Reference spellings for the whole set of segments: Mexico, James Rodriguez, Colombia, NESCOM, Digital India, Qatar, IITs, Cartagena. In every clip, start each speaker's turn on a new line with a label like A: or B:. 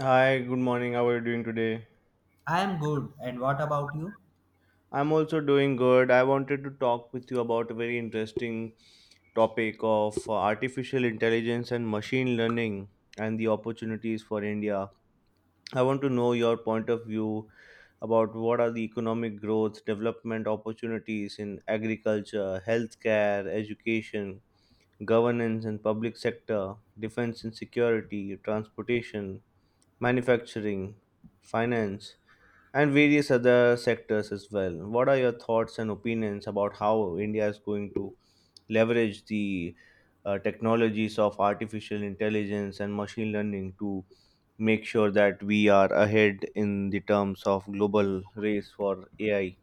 A: Hi, good morning. How are you doing today?
B: I'm good. And what about you?
A: I'm also doing good. I wanted to talk with you about a very interesting topic of artificial intelligence and machine learning and the opportunities for India. I want to know your point of view about what are the economic growth, development opportunities in agriculture, healthcare, education, governance and public sector, defense and security, transportation, manufacturing, finance and various other sectors as well. What are your thoughts and opinions about how India is going to leverage the technologies of artificial intelligence and machine learning to make sure that we are ahead in the terms of global race for AI?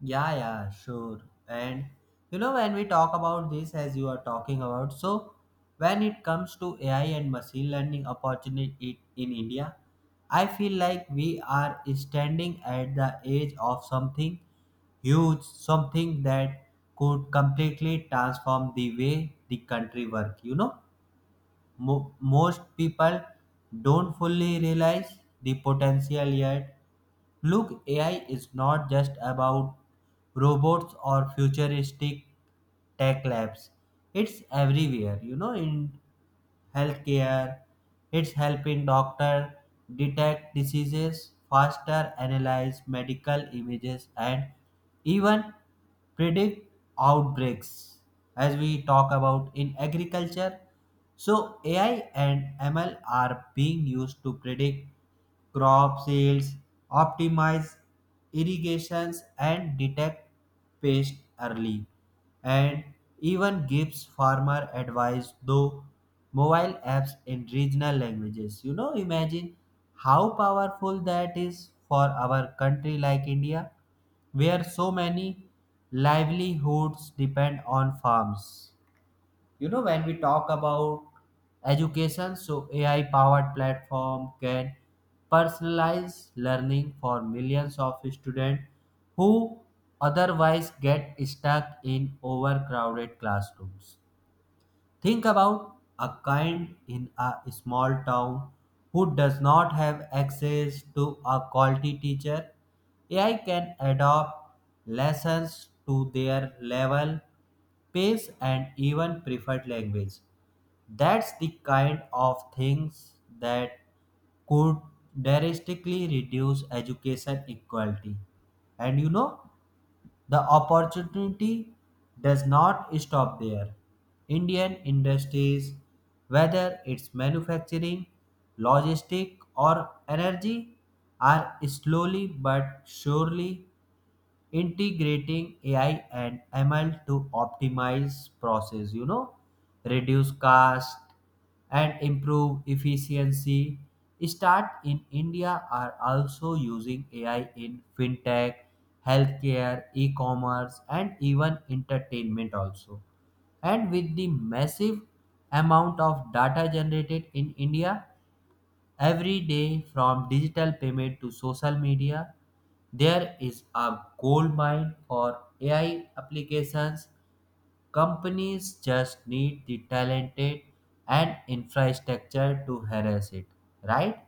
B: Yeah, yeah, sure. And you know, when we talk about this, as you are talking about, so when it comes to AI and machine learning opportunity in India, I feel like we are standing at the edge of something huge, something that could completely transform the way the country work. You know, most people don't fully realize the potential yet. Look, AI is not just about robots or futuristic tech labs. It's everywhere, you know, in healthcare. It's helping doctor detect diseases faster, analyze medical images, and even predict outbreaks as we talk about in agriculture. So AI and ML are being used to predict crop yields, optimize irrigations, and detect pest early, and even gives farmer advice through mobile apps in regional languages. You know, imagine how powerful that is for our country like India where so many livelihoods depend on farms. You know, when we talk about education, so AI powered platform can personalize learning for millions of students who otherwise get stuck in overcrowded classrooms. Think about a kind in a small town who does not have access to a quality teacher. AI can adapt lessons to their level, pace, and even preferred language. That's the kind of things that could drastically reduce education equality. And you know, the opportunity does not stop there. Indian industries, whether it's manufacturing, logistic, or energy, are slowly but surely integrating ai and ml to optimize process, you know, reduce cost and improve efficiency. Start in india are also using ai in fintech, healthcare, e-commerce, and even entertainment also. And with the massive amount of data generated in india every day, from digital payment to social media, there is a gold mine for AI applications. Companies just need the talented and infrastructure to harness it, right?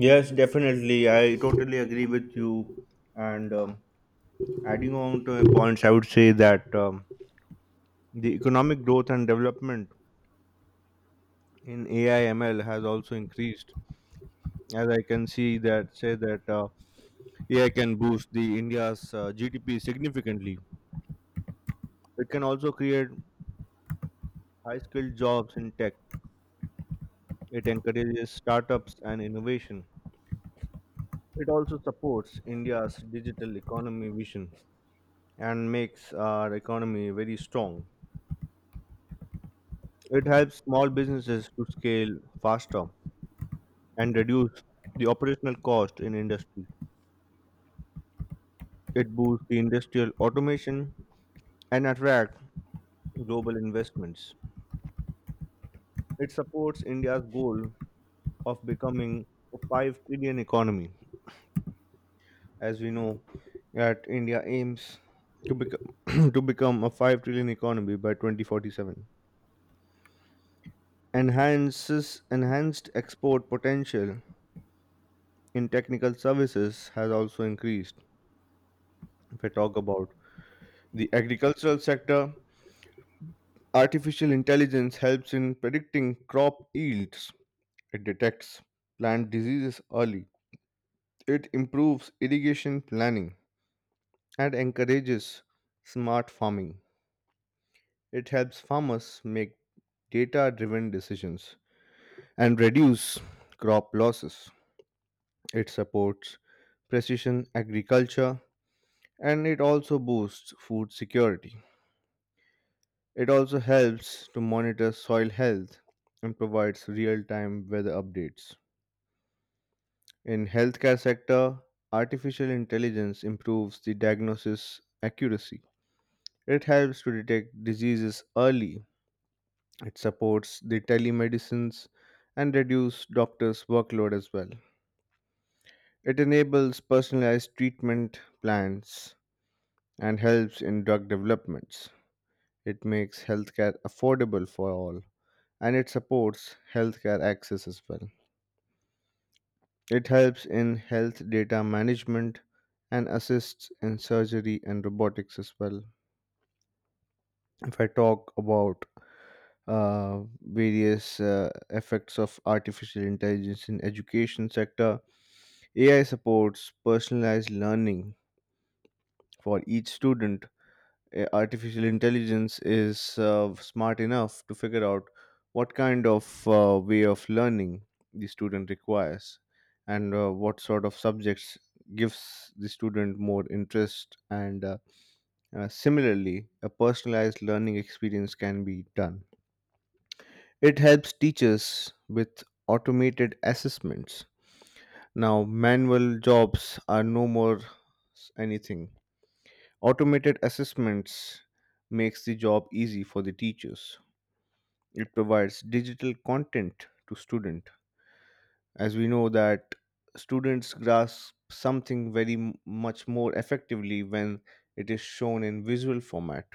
A: Yes, definitely. I totally agree with you. And Adding on to your points, I would say that the economic growth and development in AI ML has also increased, as I can see that say that AI can boost the India's GDP significantly. It can also create high-skilled jobs in tech. It encourages startups and innovation. It also supports India's digital economy vision and makes our economy very strong. It helps small businesses to scale faster and reduce the operational cost in industry. It boosts the industrial automation and attract global investments. It supports India's goal of becoming a 5 trillion economy, as we know that India aims to become to become a 5 trillion economy by 2047. Enhances Enhanced export potential in technical services has also increased. If I talk about the agricultural sector, artificial intelligence helps in predicting crop yields. It detects plant diseases early. It improves irrigation planning and encourages smart farming. It helps farmers make data driven decisions and reduce crop losses. It supports precision agriculture and it also boosts food security. It also helps to monitor soil health and provides real-time weather updates. In healthcare sector, artificial intelligence improves the diagnosis accuracy. It helps to detect diseases early. It supports the telemedicines and reduce doctors' workload as well. It enables personalized treatment plans and helps in drug developments. It makes healthcare affordable for all and it supports healthcare access as well. It helps in health data management and assists in surgery and robotics as well. If I talk about various effects of artificial intelligence in education sector, AI supports personalized learning for each student. Artificial intelligence is smart enough to figure out what kind of way of learning the student requires, and what sort of subjects gives the student more interest, and similarly a personalized learning experience can be done. It helps teachers with automated assessments. Now manual jobs are no more anything. Automated assessments makes the job easy for the teachers. It provides digital content to student, as we know that students grasp something very much more effectively when it is shown in visual format,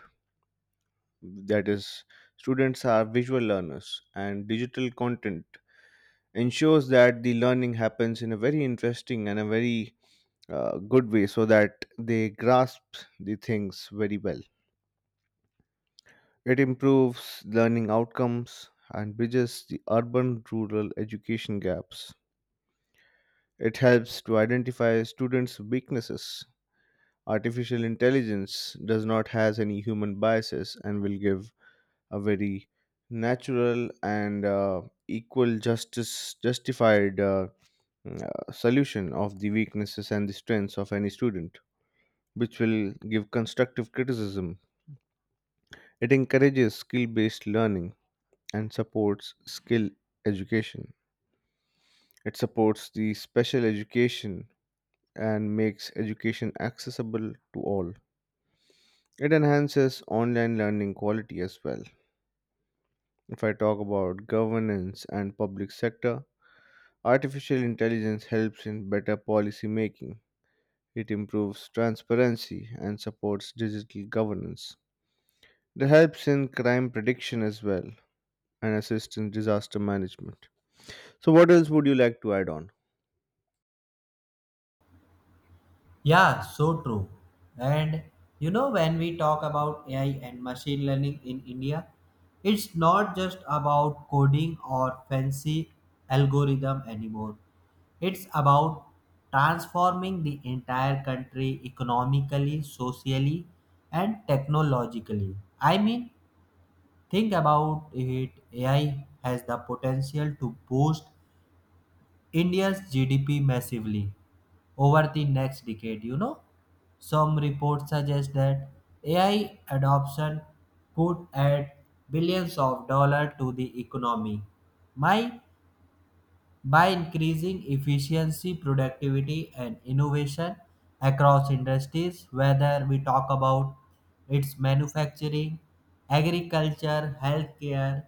A: that is, students are visual learners and digital content ensures that the learning happens in a very interesting and a very good way so that they grasp the things very well. It improves learning outcomes and bridges the urban rural education gaps. It helps to identify students' weaknesses. Artificial intelligence does not has any human biases and will give a very natural and equal justice justified solution of the weaknesses and the strengths of any student, which will give constructive criticism. It encourages skill based learning and supports skill education. It supports the special education and makes education accessible to all. It enhances online learning quality as well. If I talk about governance and public sector, artificial intelligence helps in better policy making. It improves transparency and supports digital governance. It helps in crime prediction as well and assists in disaster management. So, what else would you like to add on?
B: Yeah, so true. And you know, when we talk about AI and machine learning in India, it's not just about coding or fancy algorithm anymore. It's about transforming the entire country economically, socially, and technologically. I mean, think about it. AI has the potential to boost India's GDP massively over the next decade, you know. Some reports suggest that AI adoption could add billions of dollars to the economy, my by increasing efficiency, productivity, and innovation across industries, whether we talk about its manufacturing, agriculture, healthcare,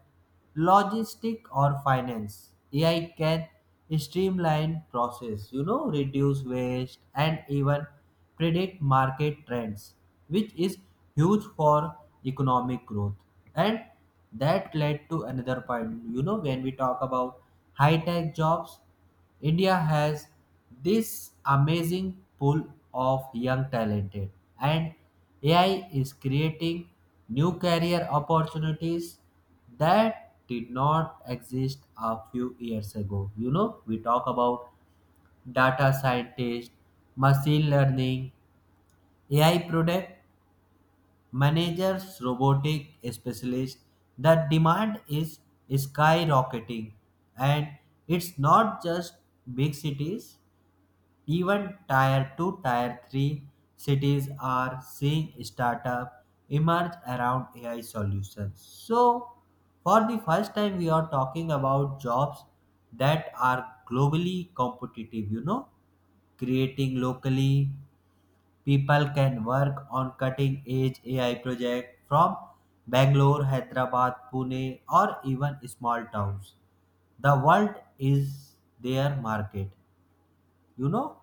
B: logistic, or finance. AI can streamline process, you know, reduce waste, and even predict market trends, which is huge for economic growth. And that led to another point. You know, when we talk about high tech jobs, India has this amazing pool of young talented, and AI is creating new career opportunities that did not exist a few years ago. You know, we talk about data scientist, machine learning, AI product managers, robotic specialists, the demand is skyrocketing. And it's not just big cities, even tier 2, tier 3 cities are seeing startup emerge around AI solutions. So, for the first time, we are talking about jobs that are globally competitive, you know, creating locally. People can work on cutting edge AI projects from Bangalore, Hyderabad, Pune, or even small towns. The world is their market. You know,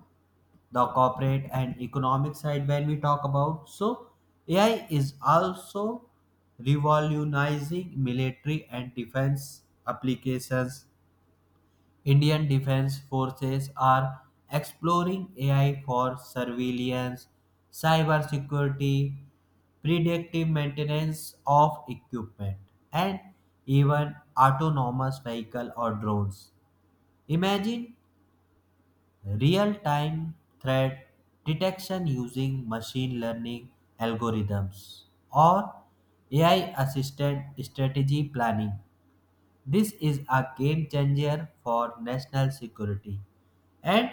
B: the corporate and economic side when we talk about. So, AI is also revolutionizing military and defense applications. Indian defense forces are exploring AI for surveillance, cybersecurity, predictive maintenance of equipment, and even autonomous vehicle or drones. Imagine real-time threat detection using machine learning algorithms or AI assisted strategy planning. This is a game changer for national security. And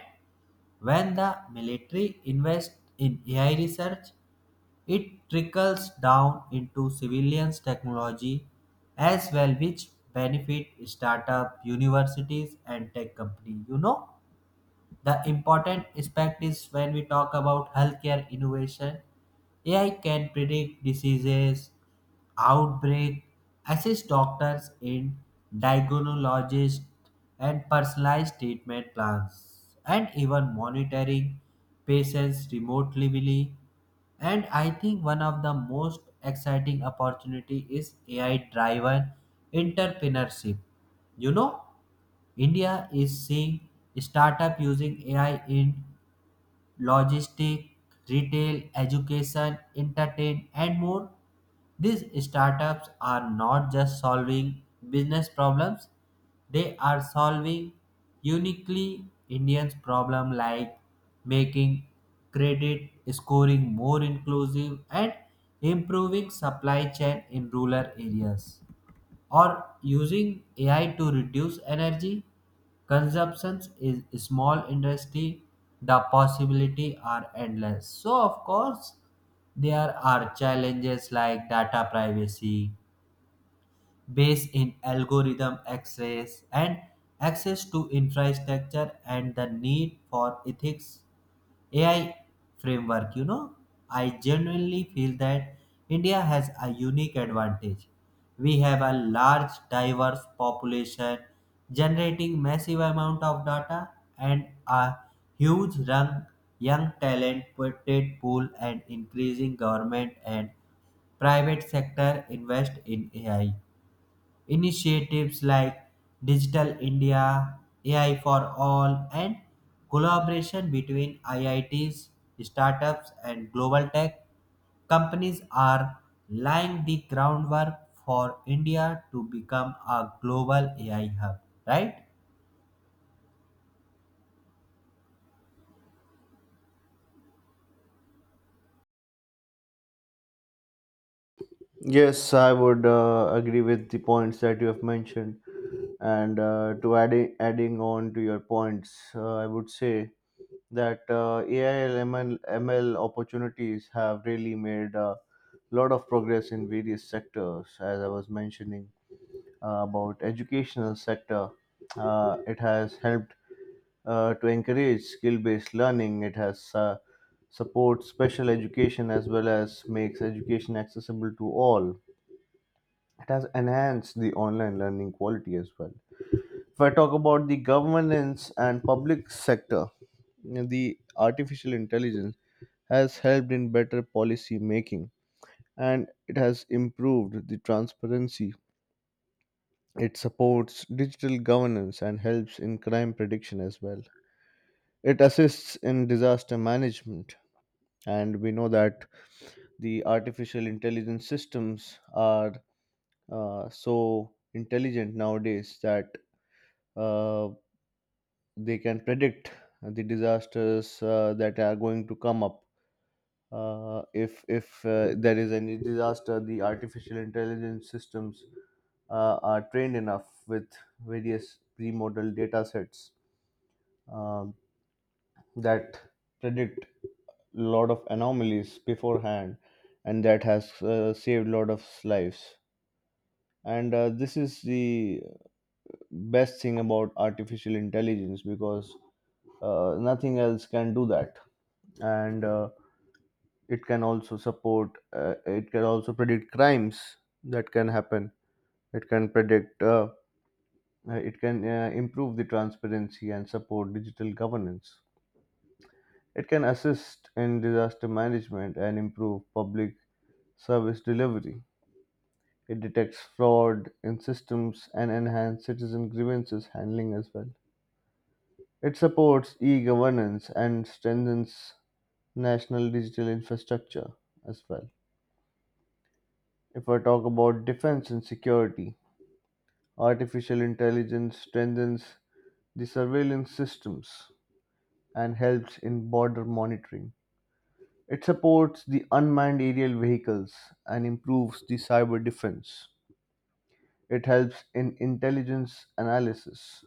B: when the military invests in AI research, it trickles down into civilians' technology as well, which benefit startup, universities, and tech companies, you know. The important aspect is when we talk about healthcare innovation, AI can predict diseases, outbreak, assist doctors in diagnosis and personalized treatment plans, and even monitoring patients remotely. And I think one of the most exciting opportunity is AI driven entrepreneurship. You know, India is seeing startup using AI in logistics, retail, education, entertainment, and more. These startups are not just solving business problems, they are solving uniquely Indians' problem like making credit scoring more inclusive and improving supply chain in rural areas or using AI to reduce energy consumptions is small industry. The possibility are endless. So of course, there are challenges like data privacy, based in algorithm access, and access to infrastructure, and the need for ethics AI framework. You know, I genuinely feel that India has a unique advantage. We have a large, diverse population generating massive amount of data, and a huge young, talented pool, and increasing government and private sector invest in AI. Initiatives like Digital India, AI for All, and collaboration between IITs, startups, and global tech companies are laying the groundwork for India to become a global AI hub, right?
A: Yes, I would agree with the points that you have mentioned. And to adding on to your points, I would say that AI and ML opportunities have really made a lot of progress in various sectors. As I was mentioning about educational sector, it has helped to encourage skill-based learning. It has supports special education as well as makes education accessible to all. It has enhanced the online learning quality as well. If I talk about the governance and public sector, the artificial intelligence has helped in better policy making and it has improved the transparency. It supports digital governance and helps in crime prediction as well. It assists in disaster management, and we know that the artificial intelligence systems are so intelligent nowadays that uh, they can predict the disasters that are going to come up. If there is any disaster, the artificial intelligence systems are trained enough with various pre-model data sets um, that predict a lot of anomalies beforehand, and that has saved a lot of lives. And this is the best thing about artificial intelligence, because nothing else can do that. And it can also predict crimes that can happen. it can predict uh, it can improve the transparency and support digital governance. It can assist in disaster management and improve public service delivery. It detects fraud in systems and enhance citizen grievances handling as well. It supports e-governance and strengthens national digital infrastructure as well. If I talk about defense and security, artificial intelligence strengthens the surveillance systems and helps in border monitoring. It supports the unmanned aerial vehicles and improves the cyber defense. It helps in intelligence analysis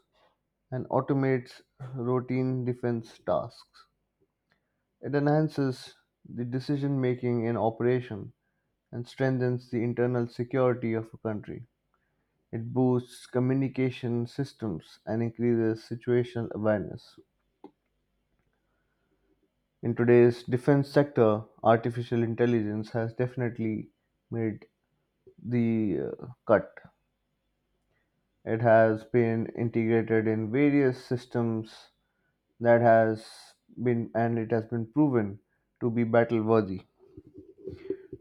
A: and automates routine defense tasks. It enhances the decision making in operation and strengthens the internal security of a country. It boosts communication systems and increases situational awareness. In today's defense sector, artificial intelligence has definitely made the cut. It has been integrated in various systems that has been and it has been proven to be battle worthy,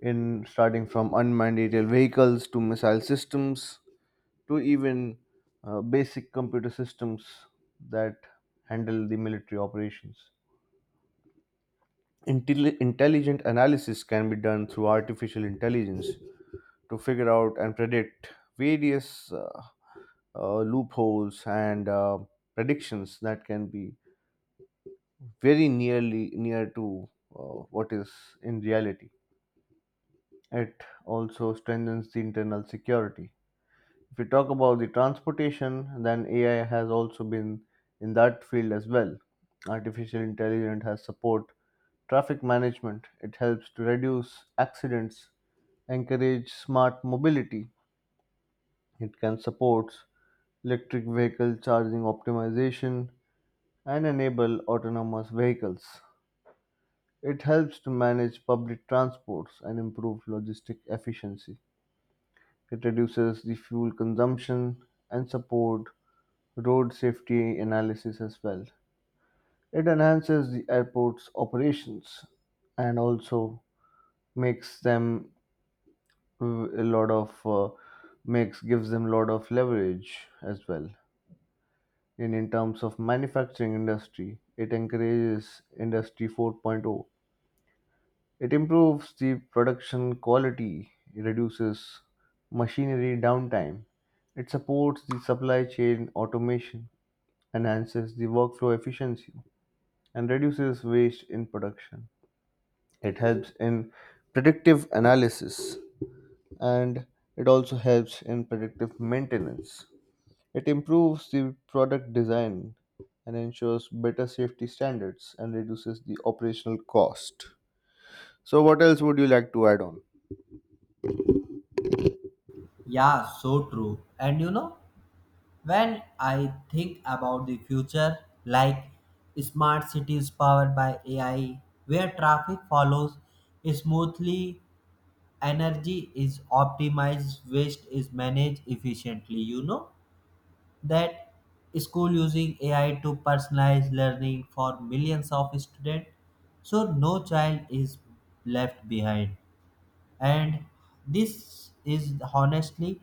A: in starting from unmanned aerial vehicles to missile systems to even basic computer systems that handle the military operations. Intelligent analysis can be done through artificial intelligence to figure out and predict various loopholes and predictions that can be very nearly near to what is in reality. It also strengthens the internal security. If we talk about the transportation, then AI has also been in that field as well. Artificial intelligence has support traffic management. It helps to reduce accidents, encourage smart mobility. It can support electric vehicle charging optimization and enable autonomous vehicles. It helps to manage public transports and improve logistic efficiency. It reduces the fuel consumption and support road safety analysis as well. It enhances the airport's operations and also makes them uh, a lot of makes gives them a lot of leverage as well. And in terms of manufacturing industry, it encourages industry 4.0. It improves the production quality, it reduces machinery downtime, it supports the supply chain automation, enhances the workflow efficiency, and reduces waste in production. It helps in predictive analysis and it also helps in predictive maintenance. It improves the product design and ensures better safety standards and reduces the operational cost. So, what else would you like to add on?
B: Yeah, so true. And you know, when I think about the future, like smart cities powered by AI, where traffic follows smoothly, energy is optimized, waste is managed efficiently, you know, that school using ai to personalize learning for millions of students so no child is left behind. And this is honestly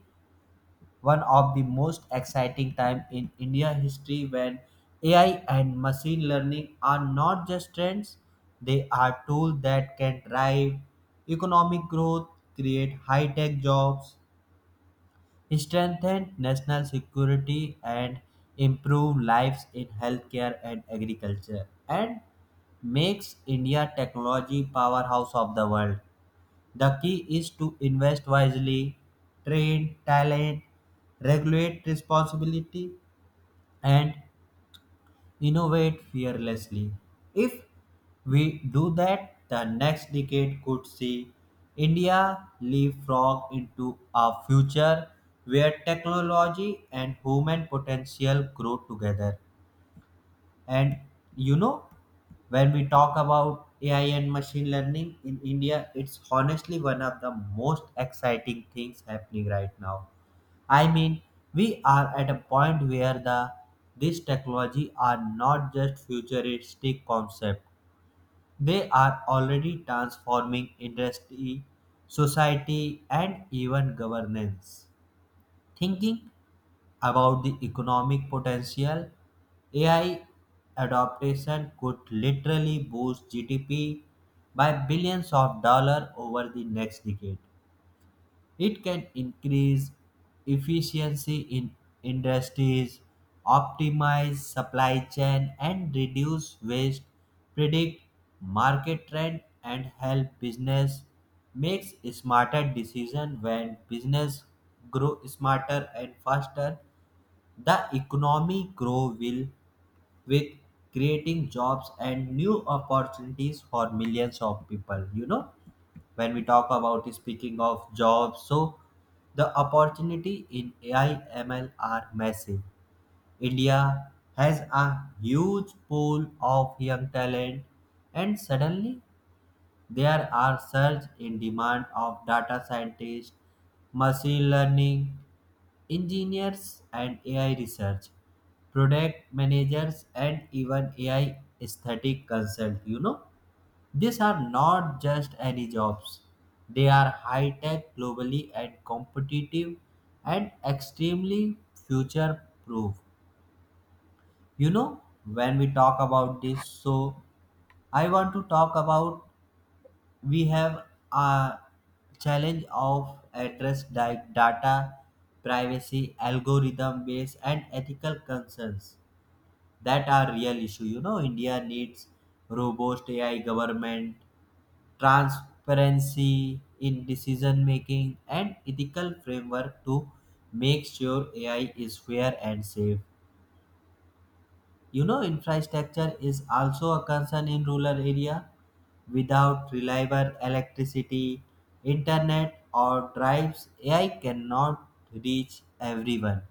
B: one of the most exciting time in India history when AI and machine learning are not just trends, they are tools that can drive economic growth, create high-tech jobs, strengthen national security, and improve lives in healthcare and agriculture, and makes India technology powerhouse of the world. The key is to invest wisely, train talent, regulate responsibility, and innovate fearlessly. If we do that, the next decade could see India leapfrog into a future where technology and human potential grow together. And you know, when we talk about AI and machine learning in India, it's honestly one of the most exciting things happening right now. I mean, we are at a point where the this technology are not just futuristic concept. They are already transforming industry, society, and even governance. Thinking about the economic potential, AI adoption could literally boost GDP by billions of dollars over the next decade. It can increase efficiency in industries, optimize supply chain, and reduce waste, predict market trend, and help business makes smarter decision. When business grow smarter and faster, the economy grow will with creating jobs and new opportunities for millions of people. You know, when we talk about speaking of jobs, so the opportunity in AI ML are massive. India has a huge pool of young talent, and suddenly there are surge in demand of data scientists, machine learning engineers, and AI research, product managers, and even AI aesthetic consult. You know, these are not just any jobs, they are high tech, globally and competitive, and extremely future proof. You know, when we talk about this, so I want to talk about we have a challenge of address like data privacy, algorithm based, and ethical concerns that are real issue. You know, india needs robust ai government, transparency in decision making, and ethical framework to make sure ai is fair and safe. You know, infrastructure is also a concern in rural area. Without reliable electricity, internet, or drives, AI cannot reach everyone.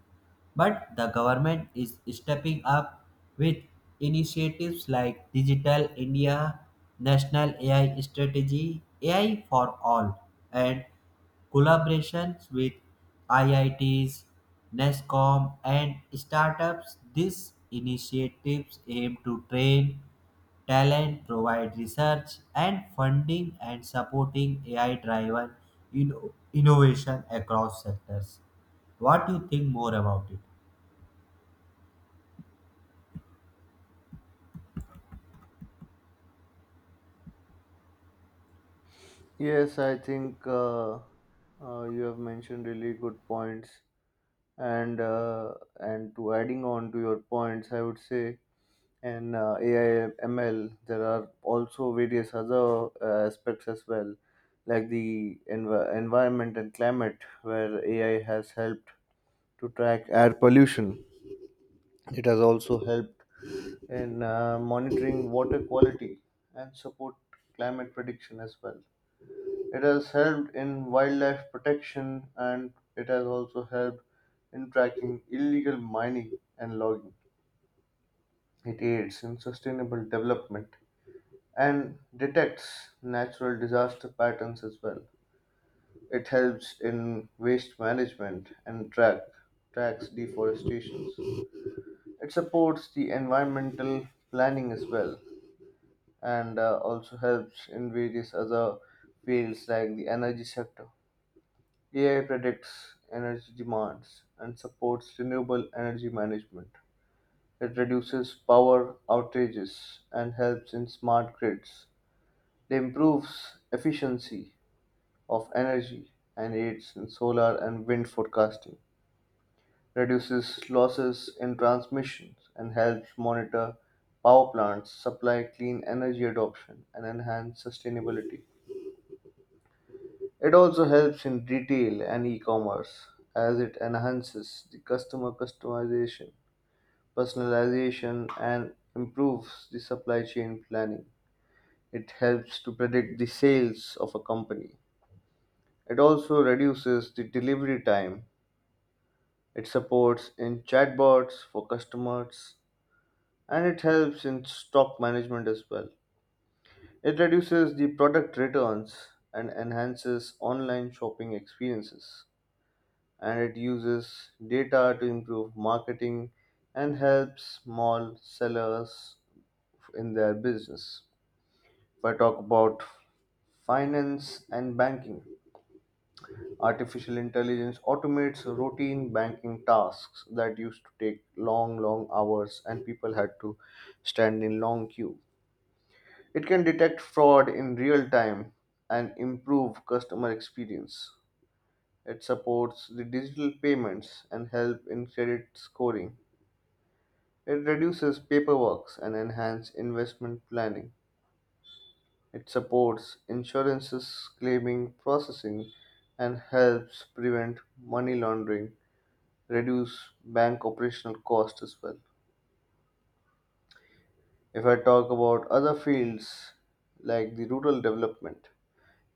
B: But the government is stepping up with initiatives like Digital India, National AI Strategy, AI for All, and collaborations with IITs, NESCOM, and startups. These initiatives aim to train talent, provide research and funding, and supporting AI driven innovation across sectors. What do you think more about it?
A: Yes, I think you have mentioned really good points, and to adding on to your points, I would say, and AI ML, there are also various other aspects as well, like the environment and climate, where AI has helped to track air pollution. It has also helped in monitoring water quality and support climate prediction as well. It has helped in wildlife protection and it has also helped in tracking illegal mining and logging. It aids in sustainable development and detects natural disaster patterns as well. It helps in waste management and tracks deforestation. It supports the environmental planning as well and also helps in various other fields like the energy sector. AI predicts energy demands and supports renewable energy management. It reduces power outages and helps in smart grids. It improves efficiency of energy and aids in solar and wind forecasting. Reduces losses in transmissions and helps monitor power plants, supply clean energy adoption, and enhance sustainability. It also helps in retail and e-commerce, as it enhances the customer customization, personalization and improves the supply chain planning. It helps to predict the sales of a company. It also reduces the delivery time. It supports in chatbots for customers and it helps in stock management as well. It reduces the product returns and enhances online shopping experiences. And it uses data to improve marketing and helps small sellers in their business. If I talk about finance and banking, artificial intelligence automates routine banking tasks that used to take long, long hours and people had to stand in long queue. It can detect fraud in real time and improve customer experience. It supports the digital payments and help in credit scoring. It reduces paperwork and enhances investment planning. It supports insurances claiming processing and helps prevent money laundering, reduce bank operational costs as well. If I talk about other fields like the rural development,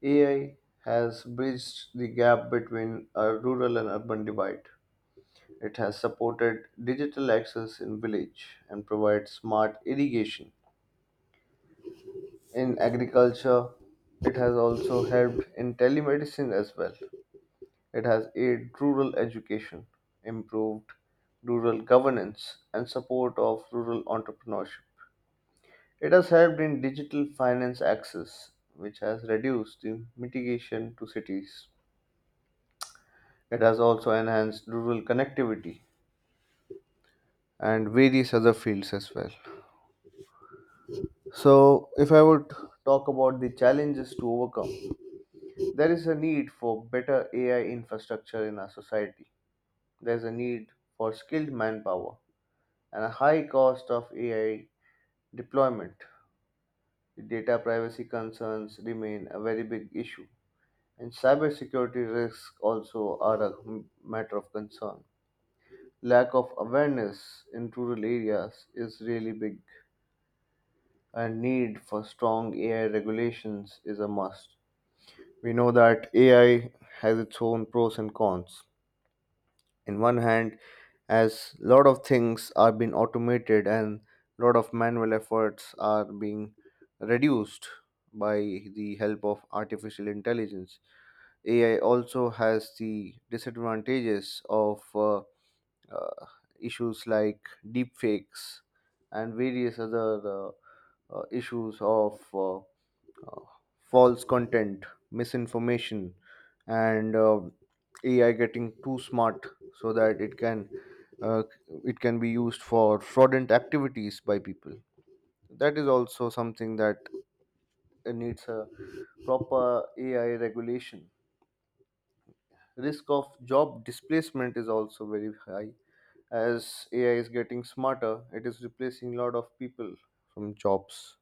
A: AI has bridged the gap between a rural and urban divide. It has supported digital access in village and provides smart irrigation in agriculture. It has also helped in telemedicine as well. It has aided rural education, improved rural governance, and support of rural entrepreneurship. It has helped in digital finance access, which has reduced the mitigation to cities. It has also enhanced rural connectivity and various other fields as well. So, if I would talk about the challenges to overcome, there is a need for better AI infrastructure in our society. There is a need for skilled manpower and a high cost of AI deployment. Data privacy concerns remain a very big issue, and cybersecurity risks also are a matter of concern. Lack of awareness in rural areas is really big, and need for strong AI regulations is a must. We know that AI has its own pros and cons. In one hand, as lot of things are being automated and lot of manual efforts are being reduced by the help of artificial intelligence, AI also has the disadvantages of uh, issues like deep fakes and various other uh, issues of false content, misinformation, and AI getting too smart so that uh, it can be used for fraudulent activities by people. That is also something that needs a proper AI regulation. Risk of job displacement is also very high as AI is getting smarter. It is replacing a lot of people from jobs.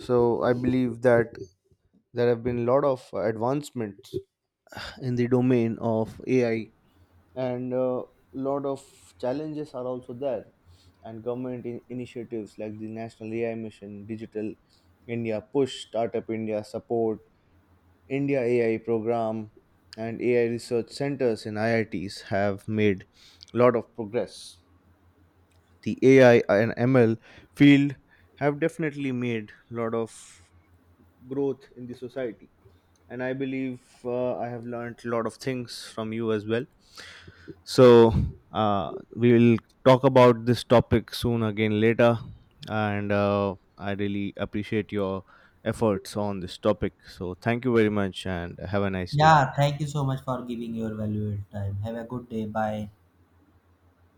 A: So I believe that there have been a lot of advancements in the domain of AI, and a lot of challenges are also there. And government initiatives like the National AI Mission, Digital India Push, Startup India Support, India AI Program, and AI research centers in IITs have made a lot of progress. The AI and ML field have definitely made a lot of growth in the society, and I believe I have learned a lot of things from you as well. So we will talk about this topic soon again later, and I really appreciate your efforts on this topic. So thank you very much, and have a nice day.
B: Yeah, thank you so much for giving your valuable time. Have a good day. Bye.